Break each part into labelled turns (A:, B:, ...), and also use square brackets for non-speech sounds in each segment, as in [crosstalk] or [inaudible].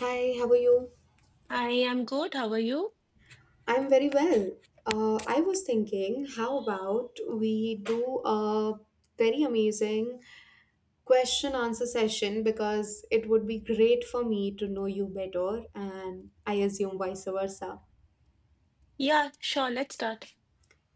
A: Hi, how are you?
B: I am good. How are you?
A: I'm very well. I was thinking, how about we do a very amazing question answer session because it would be great for me to know you better and I assume vice versa.
B: Yeah, sure. Let's start.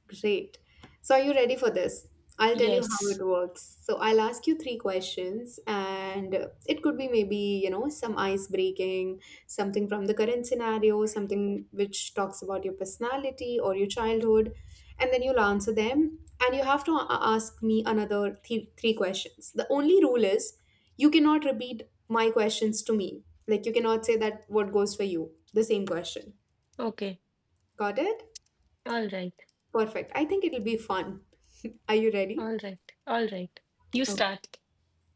A: Great. So, are you ready for this? I'll tell you how
B: Yes.
A: it works. So, I'll ask you three questions, and it could be maybe, you know, some ice breaking, something from the current scenario, something which talks about your personality or your childhood. And then you'll answer them, and you have to ask me another three questions. The only rule is you cannot repeat my questions to me. Like, you cannot say that what goes for you, the same question.
B: Okay.
A: Got it?
B: All right.
A: Perfect. I think it'll be fun. [laughs] Are you ready?
B: All right. All right. You
A: Oh,
B: start.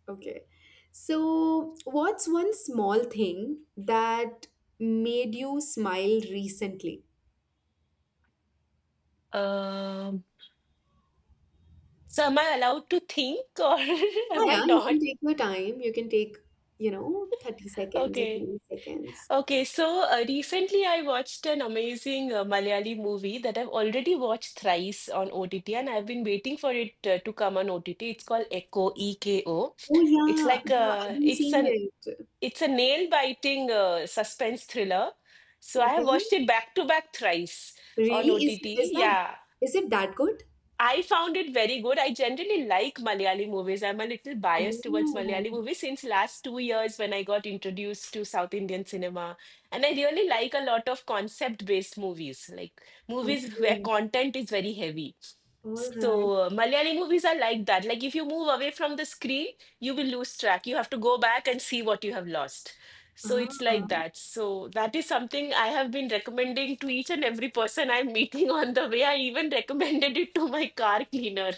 A: okay. So, what's one small thing that made you smile recently?
B: Um, so am I allowed to think or [laughs]
A: Yeah,
B: am I
A: yeah, you can
B: not?
A: take your time. You can take, you know, 30 seconds or
B: Okay.
A: 20 seconds.
B: Okay. So recently I watched an amazing Malayali movie that I've already watched thrice on OTT and I've been waiting for it to come on OTT. It's called Echo, EKO.
A: Oh,
B: It's like
A: yeah, yeah, I've been seeing it.
B: It's a nail-biting suspense thriller. So I have
A: Okay.
B: watched it back to back thrice on
A: Really?
B: OTT. Yeah.
A: Is it that good?
B: I found it very good. I generally like Malayali movies. I'm a little biased towards
A: Oh,
B: Malayali movies since last 2 years when I got introduced to South Indian cinema. And I really like a lot of concept-based movies, like movies where
A: okay.
B: content is very heavy.
A: All right.
B: So, Malayali movies are like that. Like, if you move away from the screen, you will lose track. You have to go back and see what you have lost. So, it's
A: Ah,
B: like that. So, that is something I have been recommending to each and every person I'm [laughs] meeting on the way. I even recommended it to my car cleaner.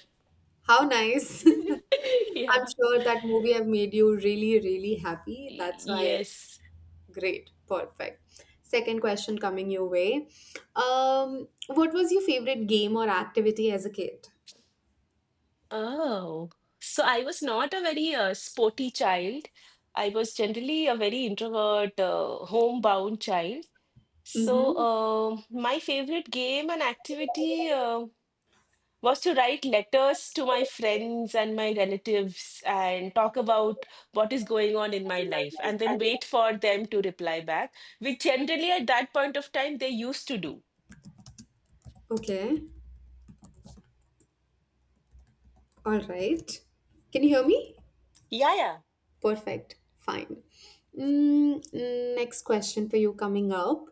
A: how nice. [laughs] I'm
B: [laughs] Yeah.
A: sure that movie have made you really, really happy. That's why,
B: Yes.
A: great, perfect. Second question coming your way. What was your favorite game or activity as a kid?
B: Oh. So, I was not a very sporty child. I was generally a very introvert, homebound child. So,
A: Mm-hmm.
B: my favorite game and activity was to write letters to my friends and my relatives and talk about what is going on in my
A: In my
B: life and then
A: life.
B: wait for them to reply back, which generally at that point of time they used to do.
A: Okay. All right. Can you hear me?
B: Yeah, yeah.
A: Perfect. Fine. Next question for you coming up.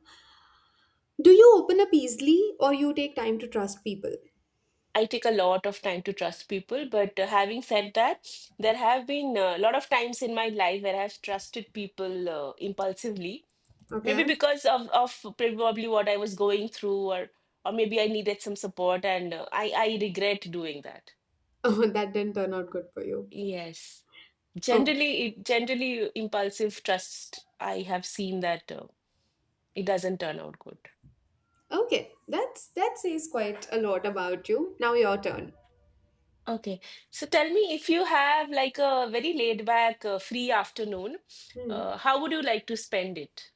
A: Do you open up easily or you take time to trust people?
B: I take a lot of time to trust people, but having said that, there have been a lot of times in my life where I've trusted people impulsively maybe
A: Okay.
B: because of probably what I was going through, or maybe I needed some support, and I regret doing that.
A: [laughs] Oh, that didn't turn out good for you.
B: Yes,
A: Okay.
B: generally, it, generally impulsive trust. I have seen that it doesn't turn out good.
A: Okay, that says quite a lot about you. Now your turn.
B: Okay, so tell me, if you have like a very laid back, free afternoon,
A: Hmm.
B: how would you like to spend it?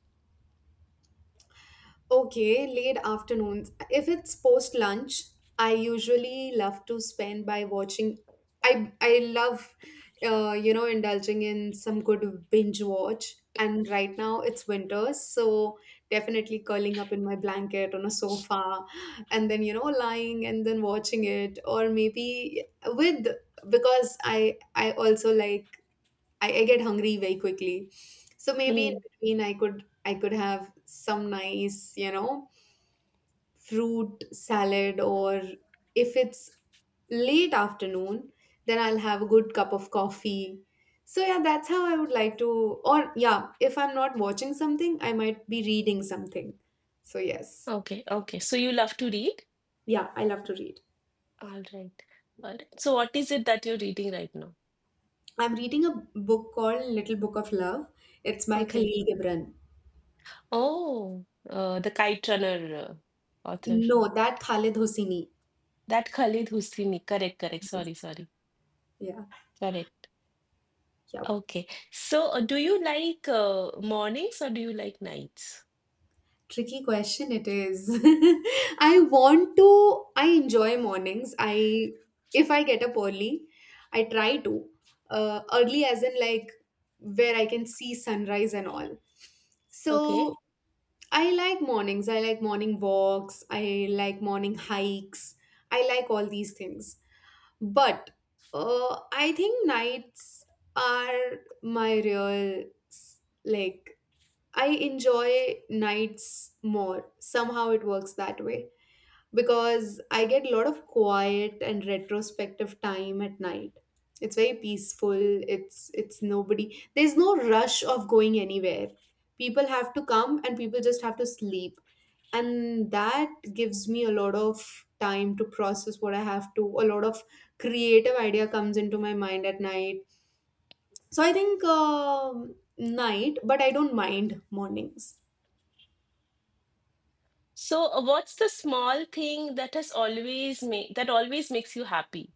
A: Okay, late afternoons. If it's post lunch, I usually love to spend by watching. I love, indulging in some good binge watch. And right now it's winter, so definitely curling up in my blanket on a sofa, and then lying and then watching it, or maybe with because I also like, I get hungry very quickly. So maybe in
B: Hmm.
A: between I could have some nice, fruit salad or if it's late afternoon, then I'll have a good cup of coffee. So yeah, that's how I would like to, or yeah, if I'm not watching something, I might be reading something. So yes.
B: Okay, okay. So you love to read?
A: Yeah, I love to read.
B: All right, all right. So what is it that you're reading right now?
A: I'm reading a book called Little Book of Love. It's by
B: Okay.
A: Khalil Gibran.
B: Oh, the Kite Runner author.
A: No, that Khalid Hosseini.
B: That Khalid Hosseini. Correct, correct.
A: Yes,
B: Sorry, sorry.
A: yeah.
B: Correct.
A: Yeah.
B: Okay. So, do you like mornings or do you like nights?
A: Tricky question it is. [laughs] I enjoy mornings. If I get up early, I try to. Early as in like where I can see sunrise and all.
B: Okay.
A: So I like mornings. I like morning walks. I like morning hikes. I like all these things. But I think nights are my real s- like I enjoy nights more. Somehow it works that way because I get a lot of quiet and retrospective time at night. It's very peaceful. It's nobody. There's no rush of going anywhere. People have to come and people just have to sleep. And that gives me a lot of time to process what I have to. A lot of creative idea comes into my mind at night. So I think night, but I don't mind mornings.
B: So, what's the small thing that has always made that always makes you happy?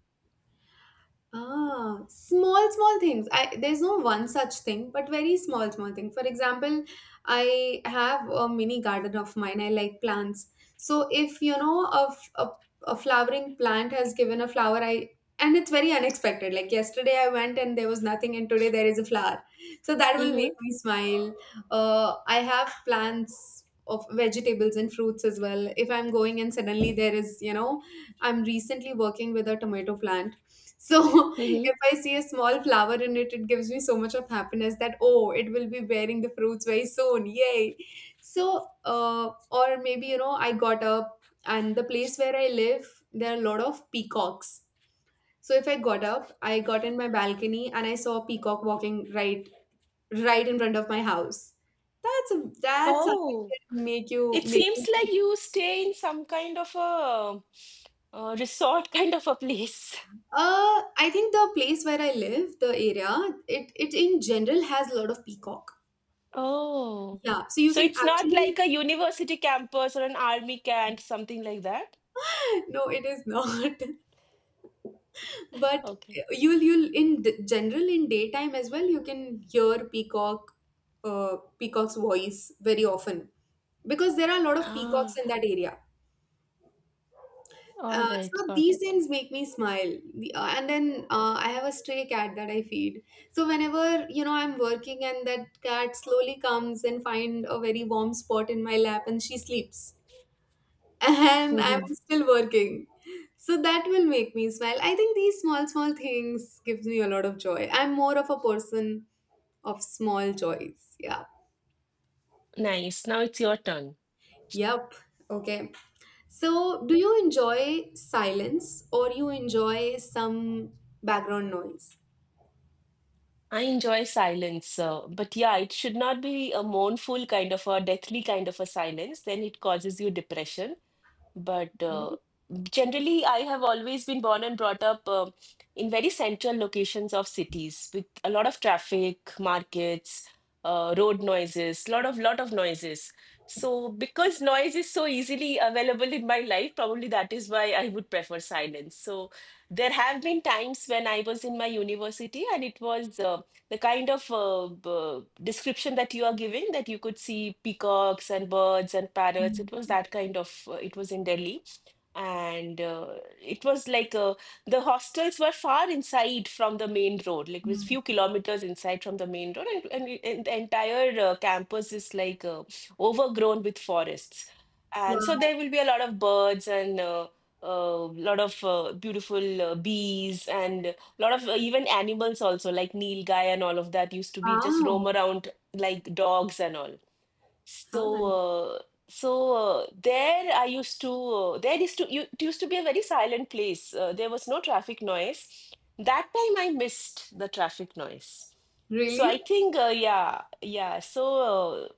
A: Ah, small, small things. I There's no one such thing, but very small, small thing. For example, I have a mini garden of mine. I like plants. So if you know a flowering plant has given a flower, I and it's very unexpected. Like yesterday I went and there was nothing, and today there is a flower. So that will
B: Mm-hmm.
A: make me smile. I have plants of vegetables and fruits as well. If I'm going and suddenly there is, I'm recently working with a tomato plant, so [laughs]
B: Mm-hmm.
A: if I see a small flower in it, it gives me so much of happiness that, oh, it will be bearing the fruits very soon. Yay. So, or maybe, I got up and the place where I live, there are a lot of peacocks. So if I got up, I got in my balcony and I saw a peacock walking right, right in front of my house. That's something
B: Oh,
A: that make you,
B: it
A: make
B: seems
A: you.
B: like you stay in some kind of a, resort [laughs] kind of a place.
A: I think the place where I live, the area, it in general has a lot of peacock.
B: Oh,
A: Yeah, so you
B: so
A: can
B: it's not
A: actually
B: like a university campus or an army camp, something like that?
A: [laughs] no, it is not. [laughs] But
B: Okay.
A: you'll in general, in daytime as well, you can hear peacock's voice very often because there are a lot of peacocks
B: Ah,
A: in that area.
B: all right,
A: So
B: got
A: these
B: it.
A: things make me smile. And then I have a stray cat that I feed. So whenever I'm working and that cat slowly comes and find a very warm spot in my lap and she sleeps, and
B: Mhm.
A: I'm still working. So that will make me smile. I think these small, small things gives me a lot of joy. I'm more of a person of small joys. Yeah.
B: Nice. Now it's your turn.
A: Yep. Okay. So do you enjoy silence or you enjoy some background noise?
B: I enjoy silence, but yeah, it should not be a mournful kind of a deathly kind of a silence. Then it causes you depression. But generally, I have always been born and brought up in very central locations of cities with a lot of traffic, markets, road noises, lot of noises. So because noise is so easily available in my life, probably that is why I would prefer silence. So there have been times when I was in my university and it was the kind of description that you are giving, that you could see peacocks and birds and parrots. It was
A: Mhm.
B: that kind of it was in Delhi. And it was like the hostels were far inside from the main road. Like it was
A: Wow.
B: few kilometers inside from the main road, and the entire campus is like overgrown with forests, and so there will be a lot of birds and a lot of beautiful bees and lot of even animals also like nilgai, and all of that used to be just roam
A: Wow.
B: around like dogs and all. So
A: How nice.
B: uh, so there I used to there used to you, it used to be a very silent place. There was no traffic noise. That time I missed the traffic noise. So I
A: Really?
B: think yeah so uh,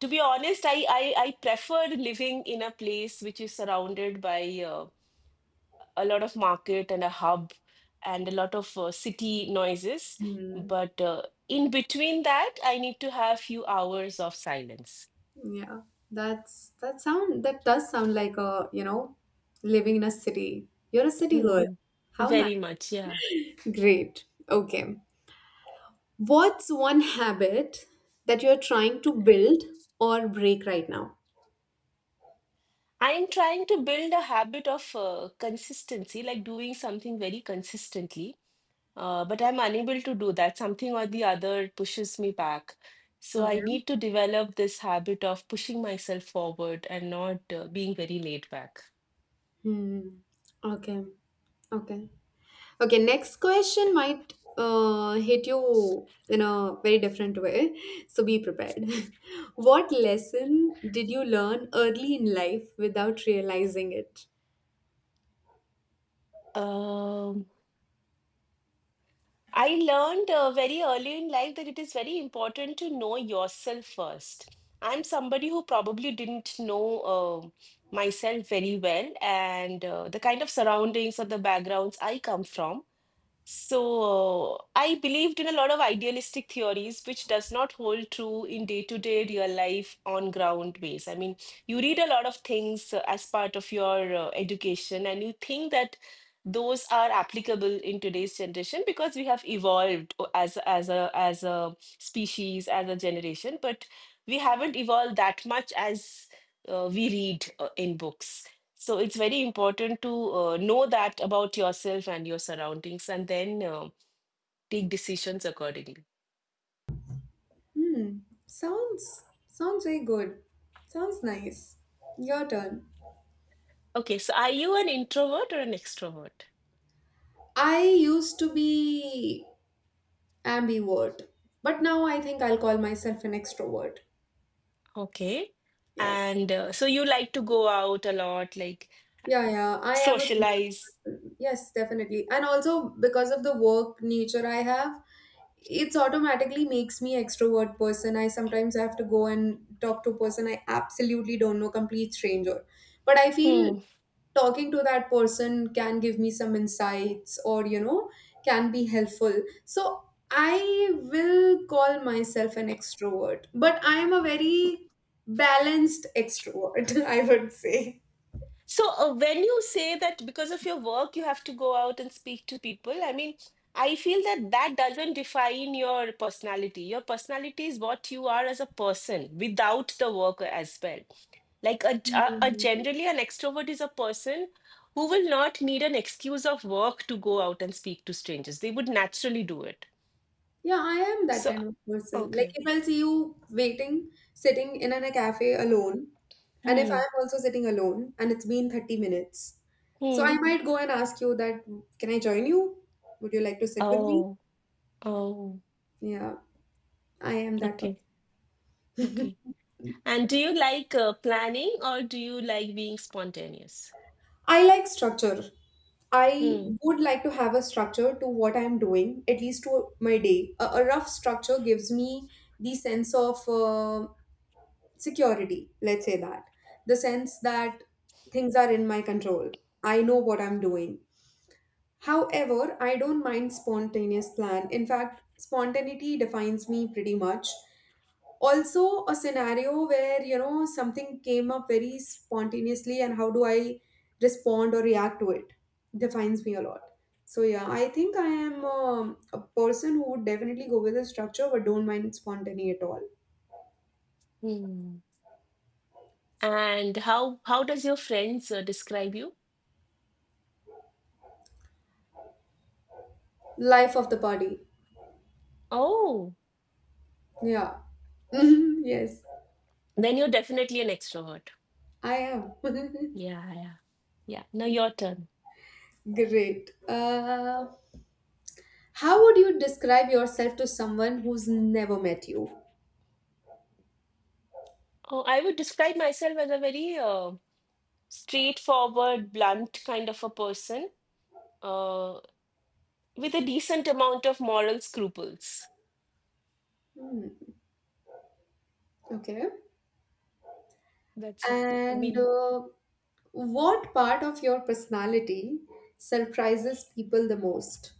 B: to be honest, I preferred living in a place which is surrounded by uh, a lot of market and a hub and a lot of city noises.
A: Hmm.
B: But in between that, I need to have few hours of silence.
A: Yeah. That does sound like living in a city. You're a city girl.
B: Hmm.
A: How nice.
B: Very much, yeah.
A: Great. Okay. What's one habit that you're trying to build or break right now?
B: I'm trying to build a habit of consistency, like doing something very consistently. But I'm unable to do that. Something or the other pushes me back. So
A: Okay.
B: I need to develop this habit of pushing myself forward and not being very laid back.
A: Hmm. Okay. Okay. Okay. Next question might hit you in a very different way. So be prepared. [laughs] What lesson did you learn early in life without realizing it?
B: Um. I learned very early in life that it is very important to know yourself first. I'm somebody who probably didn't know myself very well, and the kind of surroundings or the backgrounds I come from. So I believed in a lot of idealistic theories, which does not hold true in day-to-day real life on ground base. I mean, you read a lot of things as part of your education, and you think that those are applicable in today's generation because we have evolved as a species, as a generation, but we haven't evolved that much as we read in books. So it's very important to know that about yourself and your surroundings, and then take decisions accordingly.
A: Hmm. Sounds very good. Sounds nice. Your turn.
B: Okay, so are you an introvert or an extrovert?
A: I used to be ambivert. But now I think I'll call myself an extrovert.
B: Okay.
A: Yes.
B: And so you like to go out a lot, like
A: Yeah, yeah. I am a social
B: socialize.
A: person. Yes, definitely. And also because of the work nature I have, it's automatically makes me extrovert person. I sometimes have to go and talk to a person I absolutely don't know, complete stranger. But I feel
B: Hmm.
A: talking to that person can give me some insights, or can be helpful, so I will call myself an extrovert, but I am a very balanced extrovert, [laughs] I would say.
B: So when you say that because of your work, you have to go out and speak to people, I mean, I feel that that doesn't define your personality. Your personality is what you are as a person without the work as well. Like a
A: Mm.
B: generally an extrovert is a person who will not need an excuse of work to go out and speak to strangers. They would naturally do it.
A: Yeah, I am that
B: So,
A: kind of person. Like,
B: okay.
A: if I'll see you waiting, sitting in a cafe alone, and if
B: Hmm.
A: I'm also sitting alone and it's been 30 minutes, so
B: Hmm.
A: I might go and ask you that, can I join you, would you like to sit with me?
B: Oh. Oh.
A: Yeah, I am that person.
B: Okay. Okay. And do you like planning or do you like being spontaneous?
A: I like structure. I
B: Hmm.
A: would like to have a structure to what I'm doing, at least to my day. A rough structure gives me the sense of security, let's say that. The sense that things are in my control. I know what I'm doing. However, I don't mind spontaneous plan. In fact, spontaneity defines me pretty much. Also, a scenario where something came up very spontaneously and how do I respond or react to it defines me a lot. So yeah, I think I am, a person who would definitely go with a structure but don't mind spontaneity at all.
B: Hmm. And how does your friends describe you?
A: Life of the party.
B: Oh,
A: Yeah. [laughs] Yes,
B: then you're definitely an extrovert.
A: I am. [laughs]
B: Yeah, yeah. Yeah. Now your turn.
A: Great. How would you describe yourself to someone who's never met you?
B: I would describe myself as a very straightforward, blunt kind of a person uh, with a decent amount of moral scruples.
A: Hmm, okay.
B: That's it. I
A: And
B: mean,
A: what part of your personality surprises people the most?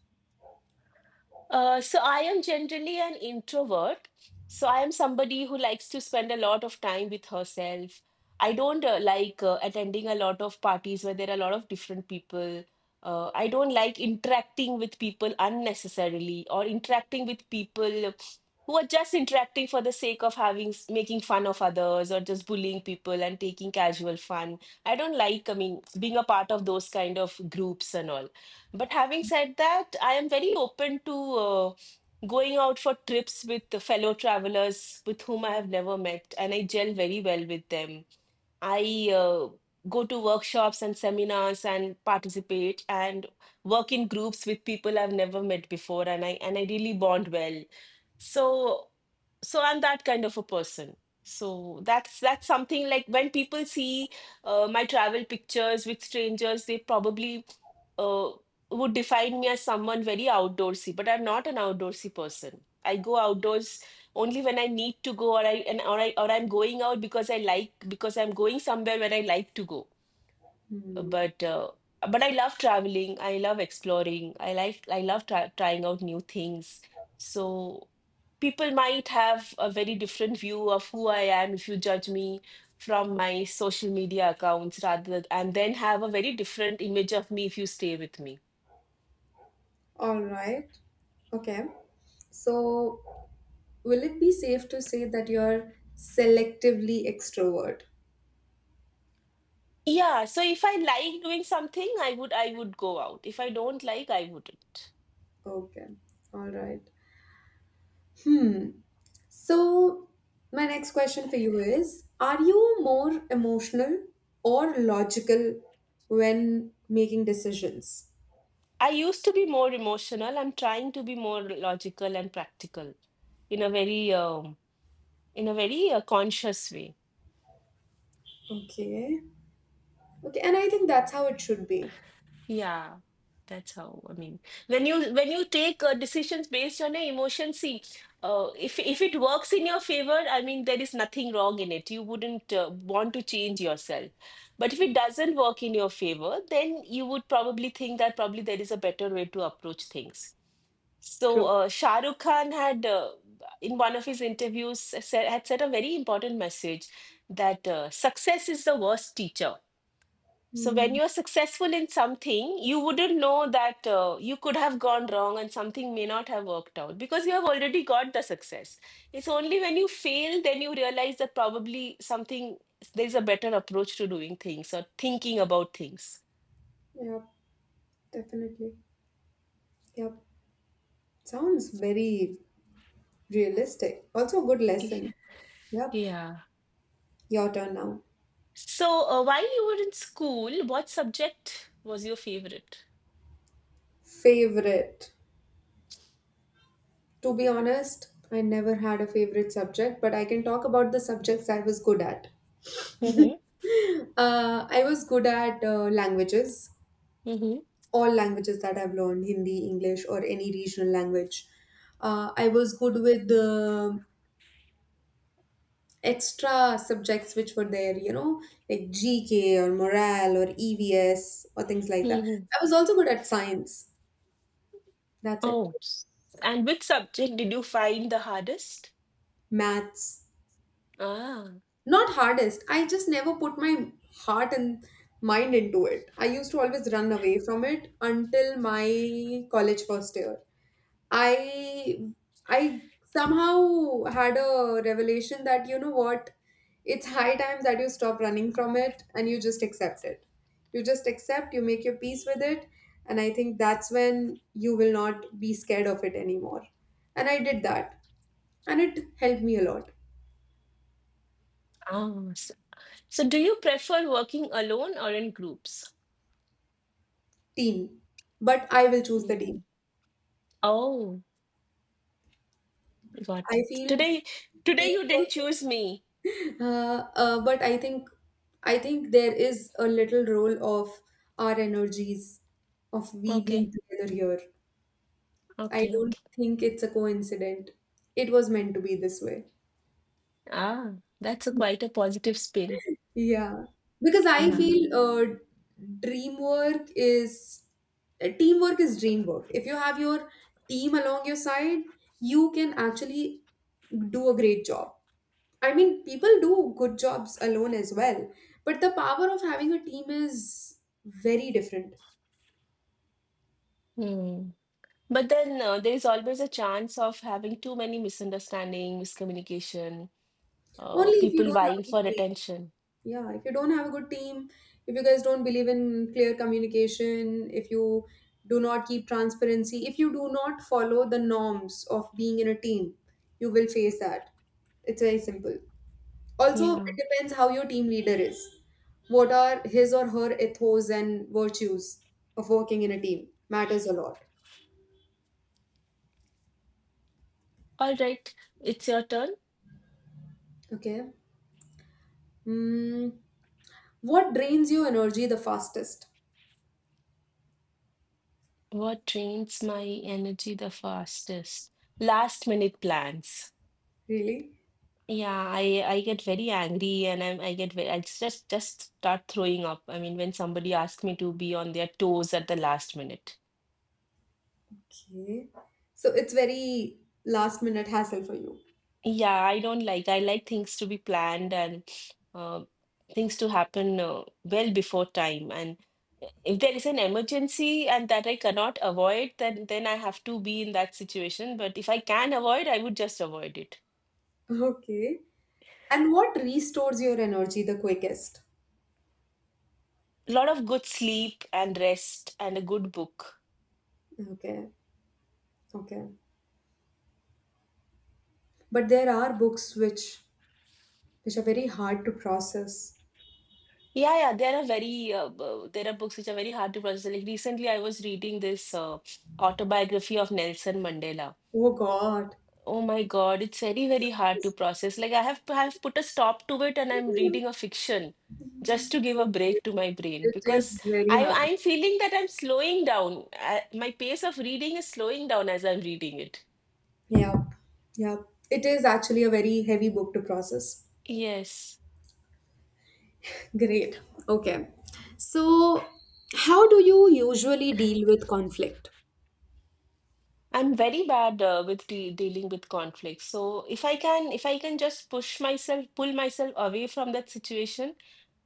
B: So I am generally an introvert. So I am somebody who likes to spend a lot of time with herself. I don't like attending a lot of parties where there are a lot of different people. I don't like interacting with people unnecessarily or interacting with people who are just interacting for the sake of making fun of others or just bullying people and taking casual fun. I don't like, I mean, being a part of those kind of groups and all. But having said that, I am very open to going out for trips with the fellow travelers with whom I have never met, and I gel very well with them. I go to workshops and seminars and participate and work in groups with people I've never met before, and I really bond well. So, so I'm that kind of a person. So that's something like when people see my travel pictures with strangers, they probably uh, would define me as someone very outdoorsy, but I'm not an outdoorsy person. I go outdoors only when I need to go, or I and or I or I'm going out because I like, because I'm going somewhere where I like to go.
A: Hmm.
B: But I love traveling. I love exploring. I like I love trying out new things. So people might have a very different view of who I am if you judge me from my social media accounts, rather, and then have a very different image of me if you stay with me.
A: All right. Okay. So, will it be safe to say that you're selectively extrovert?
B: Yeah, so if I like doing something, I would go out. If I don't like, I wouldn't.
A: Okay. All right. Hmm. So, my next question for you is, are you more emotional or logical when making decisions?
B: I used to be more emotional. I'm trying to be more logical and practical in a very conscious way.
A: Okay. Okay, and I think that's how it should be.
B: Yeah, that's how. I mean, when you take decisions based on your emotions, see, if it works in your favor, I mean, there is nothing wrong in it. You wouldn't want to change yourself. But if it doesn't work in your favor, then you would probably think that probably there is a better way to approach things. So
A: True.
B: Shah Rukh Khan had, in one of his interviews, had said a very important message that success is the worst teacher. So when
A: Hmm.
B: you're successful in something, you wouldn't know that you could have gone wrong and something may not have worked out because you have already got the success. It's only when you fail then you realize that probably something there's a better approach to doing things or thinking about things.
A: Yep, definitely. Yep. Sounds very realistic. Also a good
B: Y-
A: lesson. Yep.
B: Yeah.
A: Your turn now.
B: So, while you were in school, what subject was your favorite?
A: Favorite. To be honest, I never had a favorite subject, but I can talk about the subjects I was good at. [laughs]
B: hmm
A: I was good at languages,
B: hmm
A: all languages that I've learned, Hindi, English, or any regional language. I was good with extra subjects which were there, like GK or morale or EVS or things like that.
B: hmm
A: I was also good at science. That's it.
B: Oh, and which subject did you find the hardest?
A: Maths.
B: Ah,
A: Not hardest. I just never put my heart and mind into it. I used to always run away from it until my college first year. I I somehow had a revelation that you know what, it's high time that you stop running from it and you just accept it. You just accept, you make your peace with it, and I think that's when you will not be scared of it anymore. And I did that, and it helped me a lot.
B: ah. So, so do you prefer working alone or in groups?
A: Team, but I will choose the team.
B: Hmm. Oh, got it.
A: I feel
B: Today, today you didn't
A: teamwork,
B: choose me.
A: but I think there is a little role of our energies of we being
B: Okay,
A: together here. I
B: okay,
A: don't
B: okay.
A: think it's a coincidence. It was meant to be this way.
B: Ah, that's a quite a positive spin.
A: Yeah, because I
B: Ah.
A: feel dream work is teamwork is dream work. If you have your team along your side, you can actually do a great job. I mean, people do good jobs alone as well, but the power of having a team is very different.
B: Hmm. But then there is always a chance of having too many misunderstanding, miscommunication,
A: Only if you
B: people
A: don't have
B: vying
A: a good
B: for
A: team.
B: attention.
A: Yeah, if you don't have a good team, if you guys don't believe in clear communication, if you do not keep transparency, if you do not follow the norms of being in a team, you will face that. It's very simple. Also, it
B: Yeah.
A: depends how your team leader is. What are his or her ethos and virtues of working in a team matters a lot.
B: All right, it's your turn.
A: Okay. Mm, what drains your energy the fastest?
B: What drains my energy the fastest? Last minute plans.
A: Really?
B: Yeah, I get very angry and I get very, I just start throwing up. I mean, when somebody asks me to be on their toes at the last minute.
A: Okay. So it's very last minute hassle for you. [laughs]
B: Yeah, I don't like. I like things to be planned and uh, things to happen well before time. And if there is an emergency and that I cannot avoid, then I have to be in that situation. But if I can avoid, I would just avoid it.
A: Okay. And what restores your energy the quickest?
B: A lot of good sleep and rest and a good book.
A: Okay. Okay. But there are books which are very hard to process.
B: Yeah, yeah. There are very there are books which are very hard to process. Like recently, I was reading this autobiography of Nelson Mandela.
A: Oh God.
B: Oh my God, it's very, very hard to process. Like I have put a stop to it and I'm reading a fiction just to give a break to my brain
A: It is
B: because
A: very hard.
B: I'm feeling that I'm slowing down. My pace of reading is slowing down as I'm reading it.
A: Yeah. Yeah. It is actually a very heavy book to process.
B: Yes.
A: Great. Okay. So, how do you usually deal with conflict?
B: I'm very bad with de dealing with conflict. So if I can just push myself, pull myself away from that situation,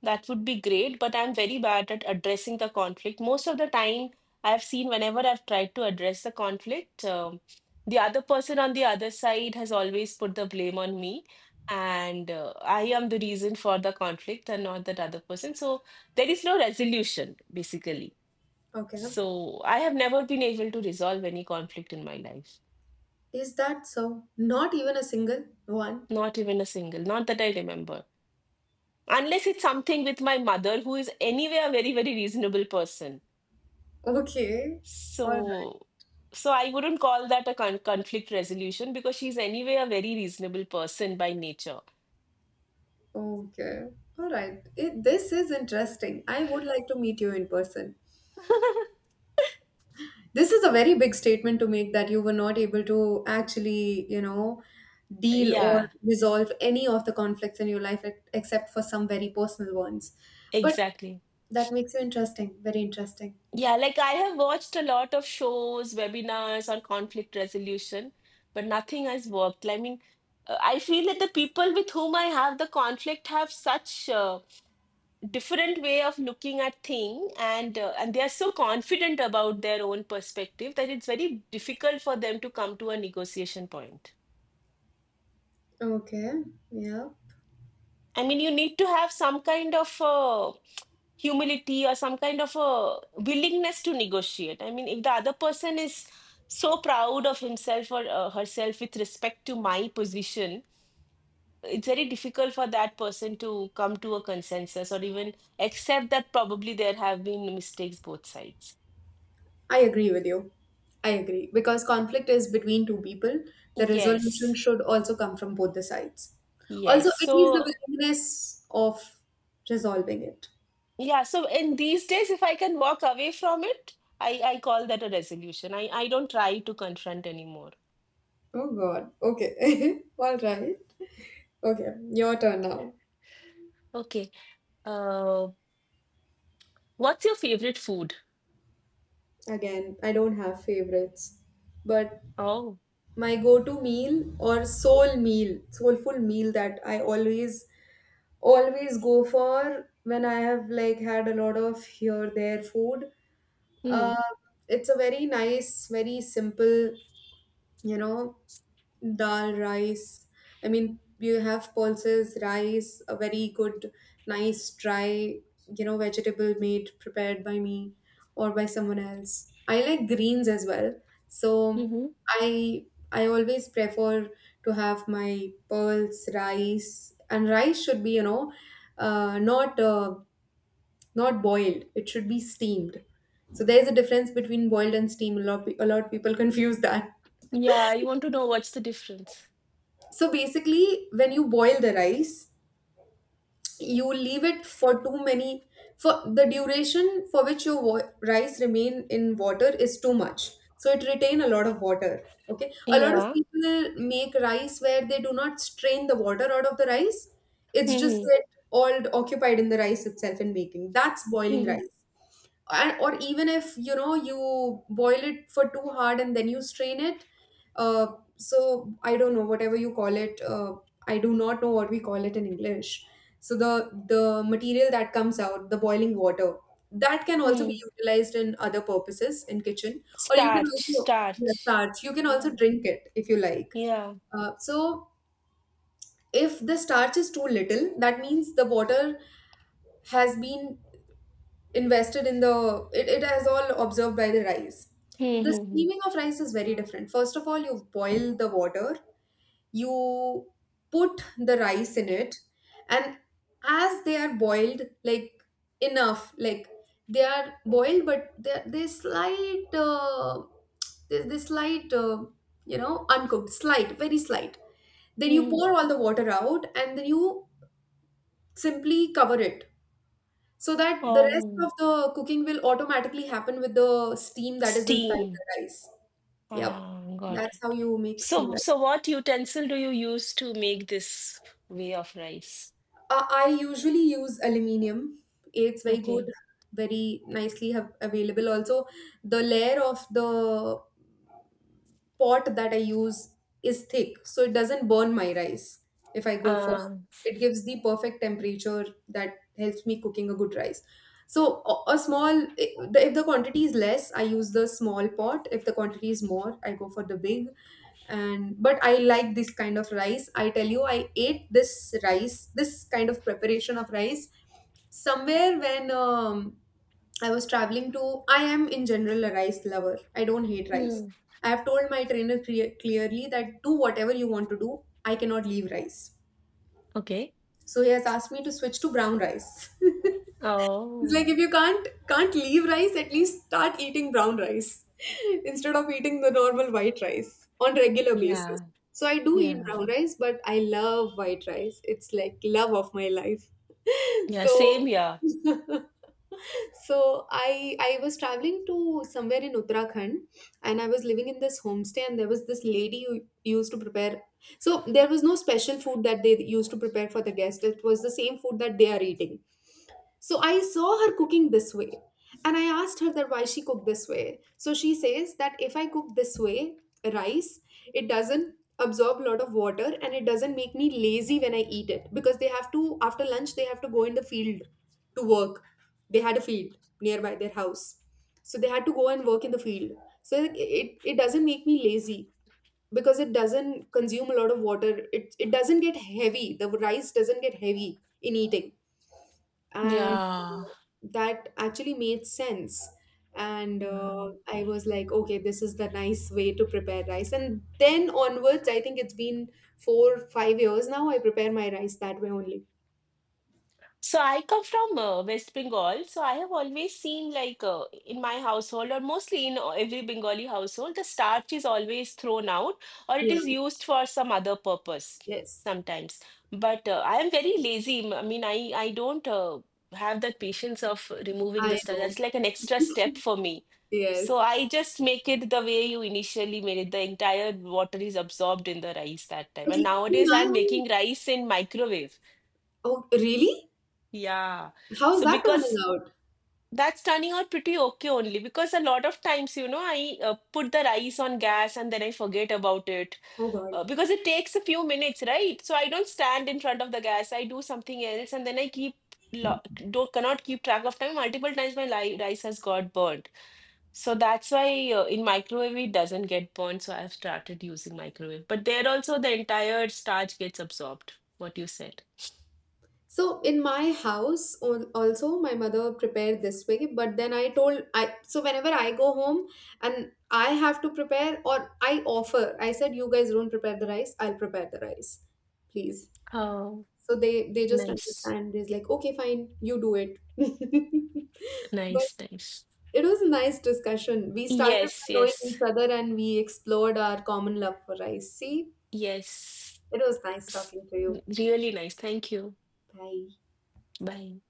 B: that would be great. But I'm very bad at addressing the conflict. Most of the time, I've seen whenever I've tried to address the conflict, the other person on the other side has always put the blame on me, and I am the reason for the conflict and not that other person. So there is no resolution, basically.
A: Okay.
B: So I have never been able to resolve any conflict in my life.
A: Is that so? Not even a single one.
B: Not even a single, not that I remember. Unless it's something with my mother, who is anyway a very, very reasonable person.
A: Okay. All right.
B: So so I wouldn't call that a conflict resolution because she's anyway a very reasonable person by nature.
A: Okay. All right. It, this is interesting. I would like to meet you in person.
B: [laughs]
A: This is a very big statement to make that you were not able to actually, you know, deal or
B: Yeah,
A: resolve any of the conflicts in your life ex- except for some very personal ones. But
B: exactly.
A: that makes you interesting. Very interesting.
B: Yeah, like I have watched a lot of shows, webinars on conflict resolution, but nothing has worked. I mean, I feel that the people with whom I have the conflict have such different way of looking at thing, and and they are so confident about their own perspective that it's very difficult for them to come to a negotiation point.
A: Okay, yeah.
B: I mean, you need to have some kind of humility or some kind of a willingness to negotiate. I mean, if the other person is so proud of himself or herself with respect to my position, it's very difficult for that person to come to a consensus or even accept that probably there have been mistakes both sides.
A: I agree with you. I agree. Because conflict is between two people, the resolution
B: Yes,
A: should also come from both the sides. Also,
B: yes.
A: it is the
B: So,
A: willingness of resolving it.
B: yeah, so in these days, if I can walk away from it, I call that a resolution. I don't try to confront anymore.
A: Oh, God. Okay. [laughs] All right. Okay, your turn now.
B: Okay. Uh, what's your favorite food?
A: Again, I don't have favorites, but
B: Oh.
A: my go-to meal or soul meal, soulful meal that I always always go for when I have like had a lot of here there food.
B: Mm.
A: Uh, it's a very nice, very simple, you know, dal rice. I mean, you have pulses, rice, a very good, nice, dry, you know, vegetable made, prepared by me or by someone else. I like greens as well. So
B: Mm-hmm.
A: I always prefer to have my pearls, rice, and rice should be, you know, not not boiled. It should be steamed. So there's a difference between boiled and steam. A lot of people [laughs] confuse that.
B: Yeah, I want to know what's the difference.
A: So basically, when you boil the rice, you leave it for too many for the duration for which your rice remain in water is too much. So it retain a lot of water. Okay, a lot of
B: Yeah.
A: people make rice where they do not strain the water out of the rice. It's just
B: Mm-hmm.
A: get all occupied in the rice itself in making. That's boiling
B: Mm-hmm.
A: rice. And or even if you know you boil it for too hard and then you strain it, uh, so I don't know whatever you call it, I do not know what we call it in English. So the material that comes out the boiling water, that can also be
B: Mm.
A: utilized in other purposes in kitchen, or you can
B: Starch,
A: also, yeah,
B: starch.
A: starch, you can also
B: Yeah.
A: drink it if you like.
B: Yeah.
A: So if the starch is too little, that means the water has been invested in it, has all observed by the rice. The
B: Mm-hmm.
A: steaming of rice is very different. First of all, you boil the water, you put the rice in it, and as they are boiled, like, enough, like, they are boiled, but they slight, they slight, you know, uncooked, slight, very slight. Then you
B: Mm.
A: pour all the water out and then you simply cover it, so that the rest
B: Oh,
A: of the cooking will automatically happen with the steam that is inside
B: steam.
A: the rice. Yep,
B: Ah, got
A: that's how
B: it.
A: you make steam
B: So,
A: rice.
B: so what utensil do you use to make this way of rice?
A: I usually use aluminium. It's very good,
B: Okay.
A: very nicely have available. Also, the layer of the pot that I use is thick, so it doesn't burn my rice if I go for
B: Ah.
A: it. Gives the perfect temperature that helps me cooking a good rice. So a small, if the quantity is less, I use the small pot. If the quantity is more, I go for the big. And but I like this kind of rice. I tell you, I ate this rice, this kind of preparation of rice somewhere when, I was traveling to, I am in general a rice lover. I don't hate rice.
B: Mm.
A: I have told my trainer clearly that do whatever you want to do. I cannot leave rice.
B: Okay.
A: So he has asked me to switch to brown rice. [laughs] It's
B: Oh.
A: like if you can't leave rice, at least start eating brown rice [laughs] instead of eating the normal white rice on regular basis.
B: Yeah.
A: So I do eat
B: Yeah.
A: brown rice, but I love white rice. It's like love of my life. [laughs]
B: Yeah. Same.
A: So
B: Yeah.
A: [laughs] so I was traveling to somewhere in Uttarakhand and I was living in this homestay and there was this lady who used to prepare, so there was no special food that they used to prepare for the guest. It was the same food that they are eating. So I saw her cooking this way and I asked her that why she cooked this way. So she says that if I cook this way, rice, it doesn't absorb a lot of water and it doesn't make me lazy when I eat it because they have to, after lunch they have to go in the field to work. They had a field nearby their house. So they had to go and work in the field. So it doesn't make me lazy because it doesn't consume a lot of water. It doesn't get heavy. The rice doesn't get heavy in eating, and
B: Yeah.
A: that actually made sense. And
B: Yeah.
A: I was like, okay, this is the nice way to prepare rice, and then onwards I think it's been 4-5 years now I prepare my rice that way only.
B: So I come from West Bengal, so I have always seen like in my household or mostly in every Bengali household, the starch is always thrown out or it
A: Yeah.
B: is used for some other purpose
A: Yes.
B: sometimes. But I am very lazy. I mean, I don't have that patience of removing the
A: I
B: starch.
A: know.
B: That's like an extra step for me. So
A: Yes.
B: I just make it the way you initially made it. The entire water is absorbed in the rice that time.
A: At
B: And
A: least in
B: nowadays
A: my
B: I'm
A: home-
B: making rice in microwave.
A: oh really,
B: Yeah.
A: how's
B: So
A: that turning
B: because
A: out?
B: that's turning out pretty okay only because a lot of times, you know, I put the rice on gas and then I forget about it
A: Oh God.
B: because it takes a few minutes, right? So I don't stand in front of the gas. I do something else and then I keep lo don't cannot keep track of time. Multiple times my li rice has got burnt. So that's why in microwave it doesn't get burnt. So I've started using microwave. But there also the entire starch gets absorbed. What you said.
A: So in my house also my mother prepared this way, but then I told, I so whenever I go home and I have to prepare or I offer, I said, you guys don't prepare the rice, I'll prepare the rice, please.
B: Oh,
A: So they just
B: nice,
A: understand is like, okay fine, you do it. [laughs] But
B: nice, nice.
A: it was a nice discussion. We started
B: Yes,
A: by knowing
B: yes,
A: each other and we explored our common love for rice, see.
B: yes.
A: It was nice
B: S-
A: talking to you.
B: Really nice. Thank you.
A: Bye.
B: Bye.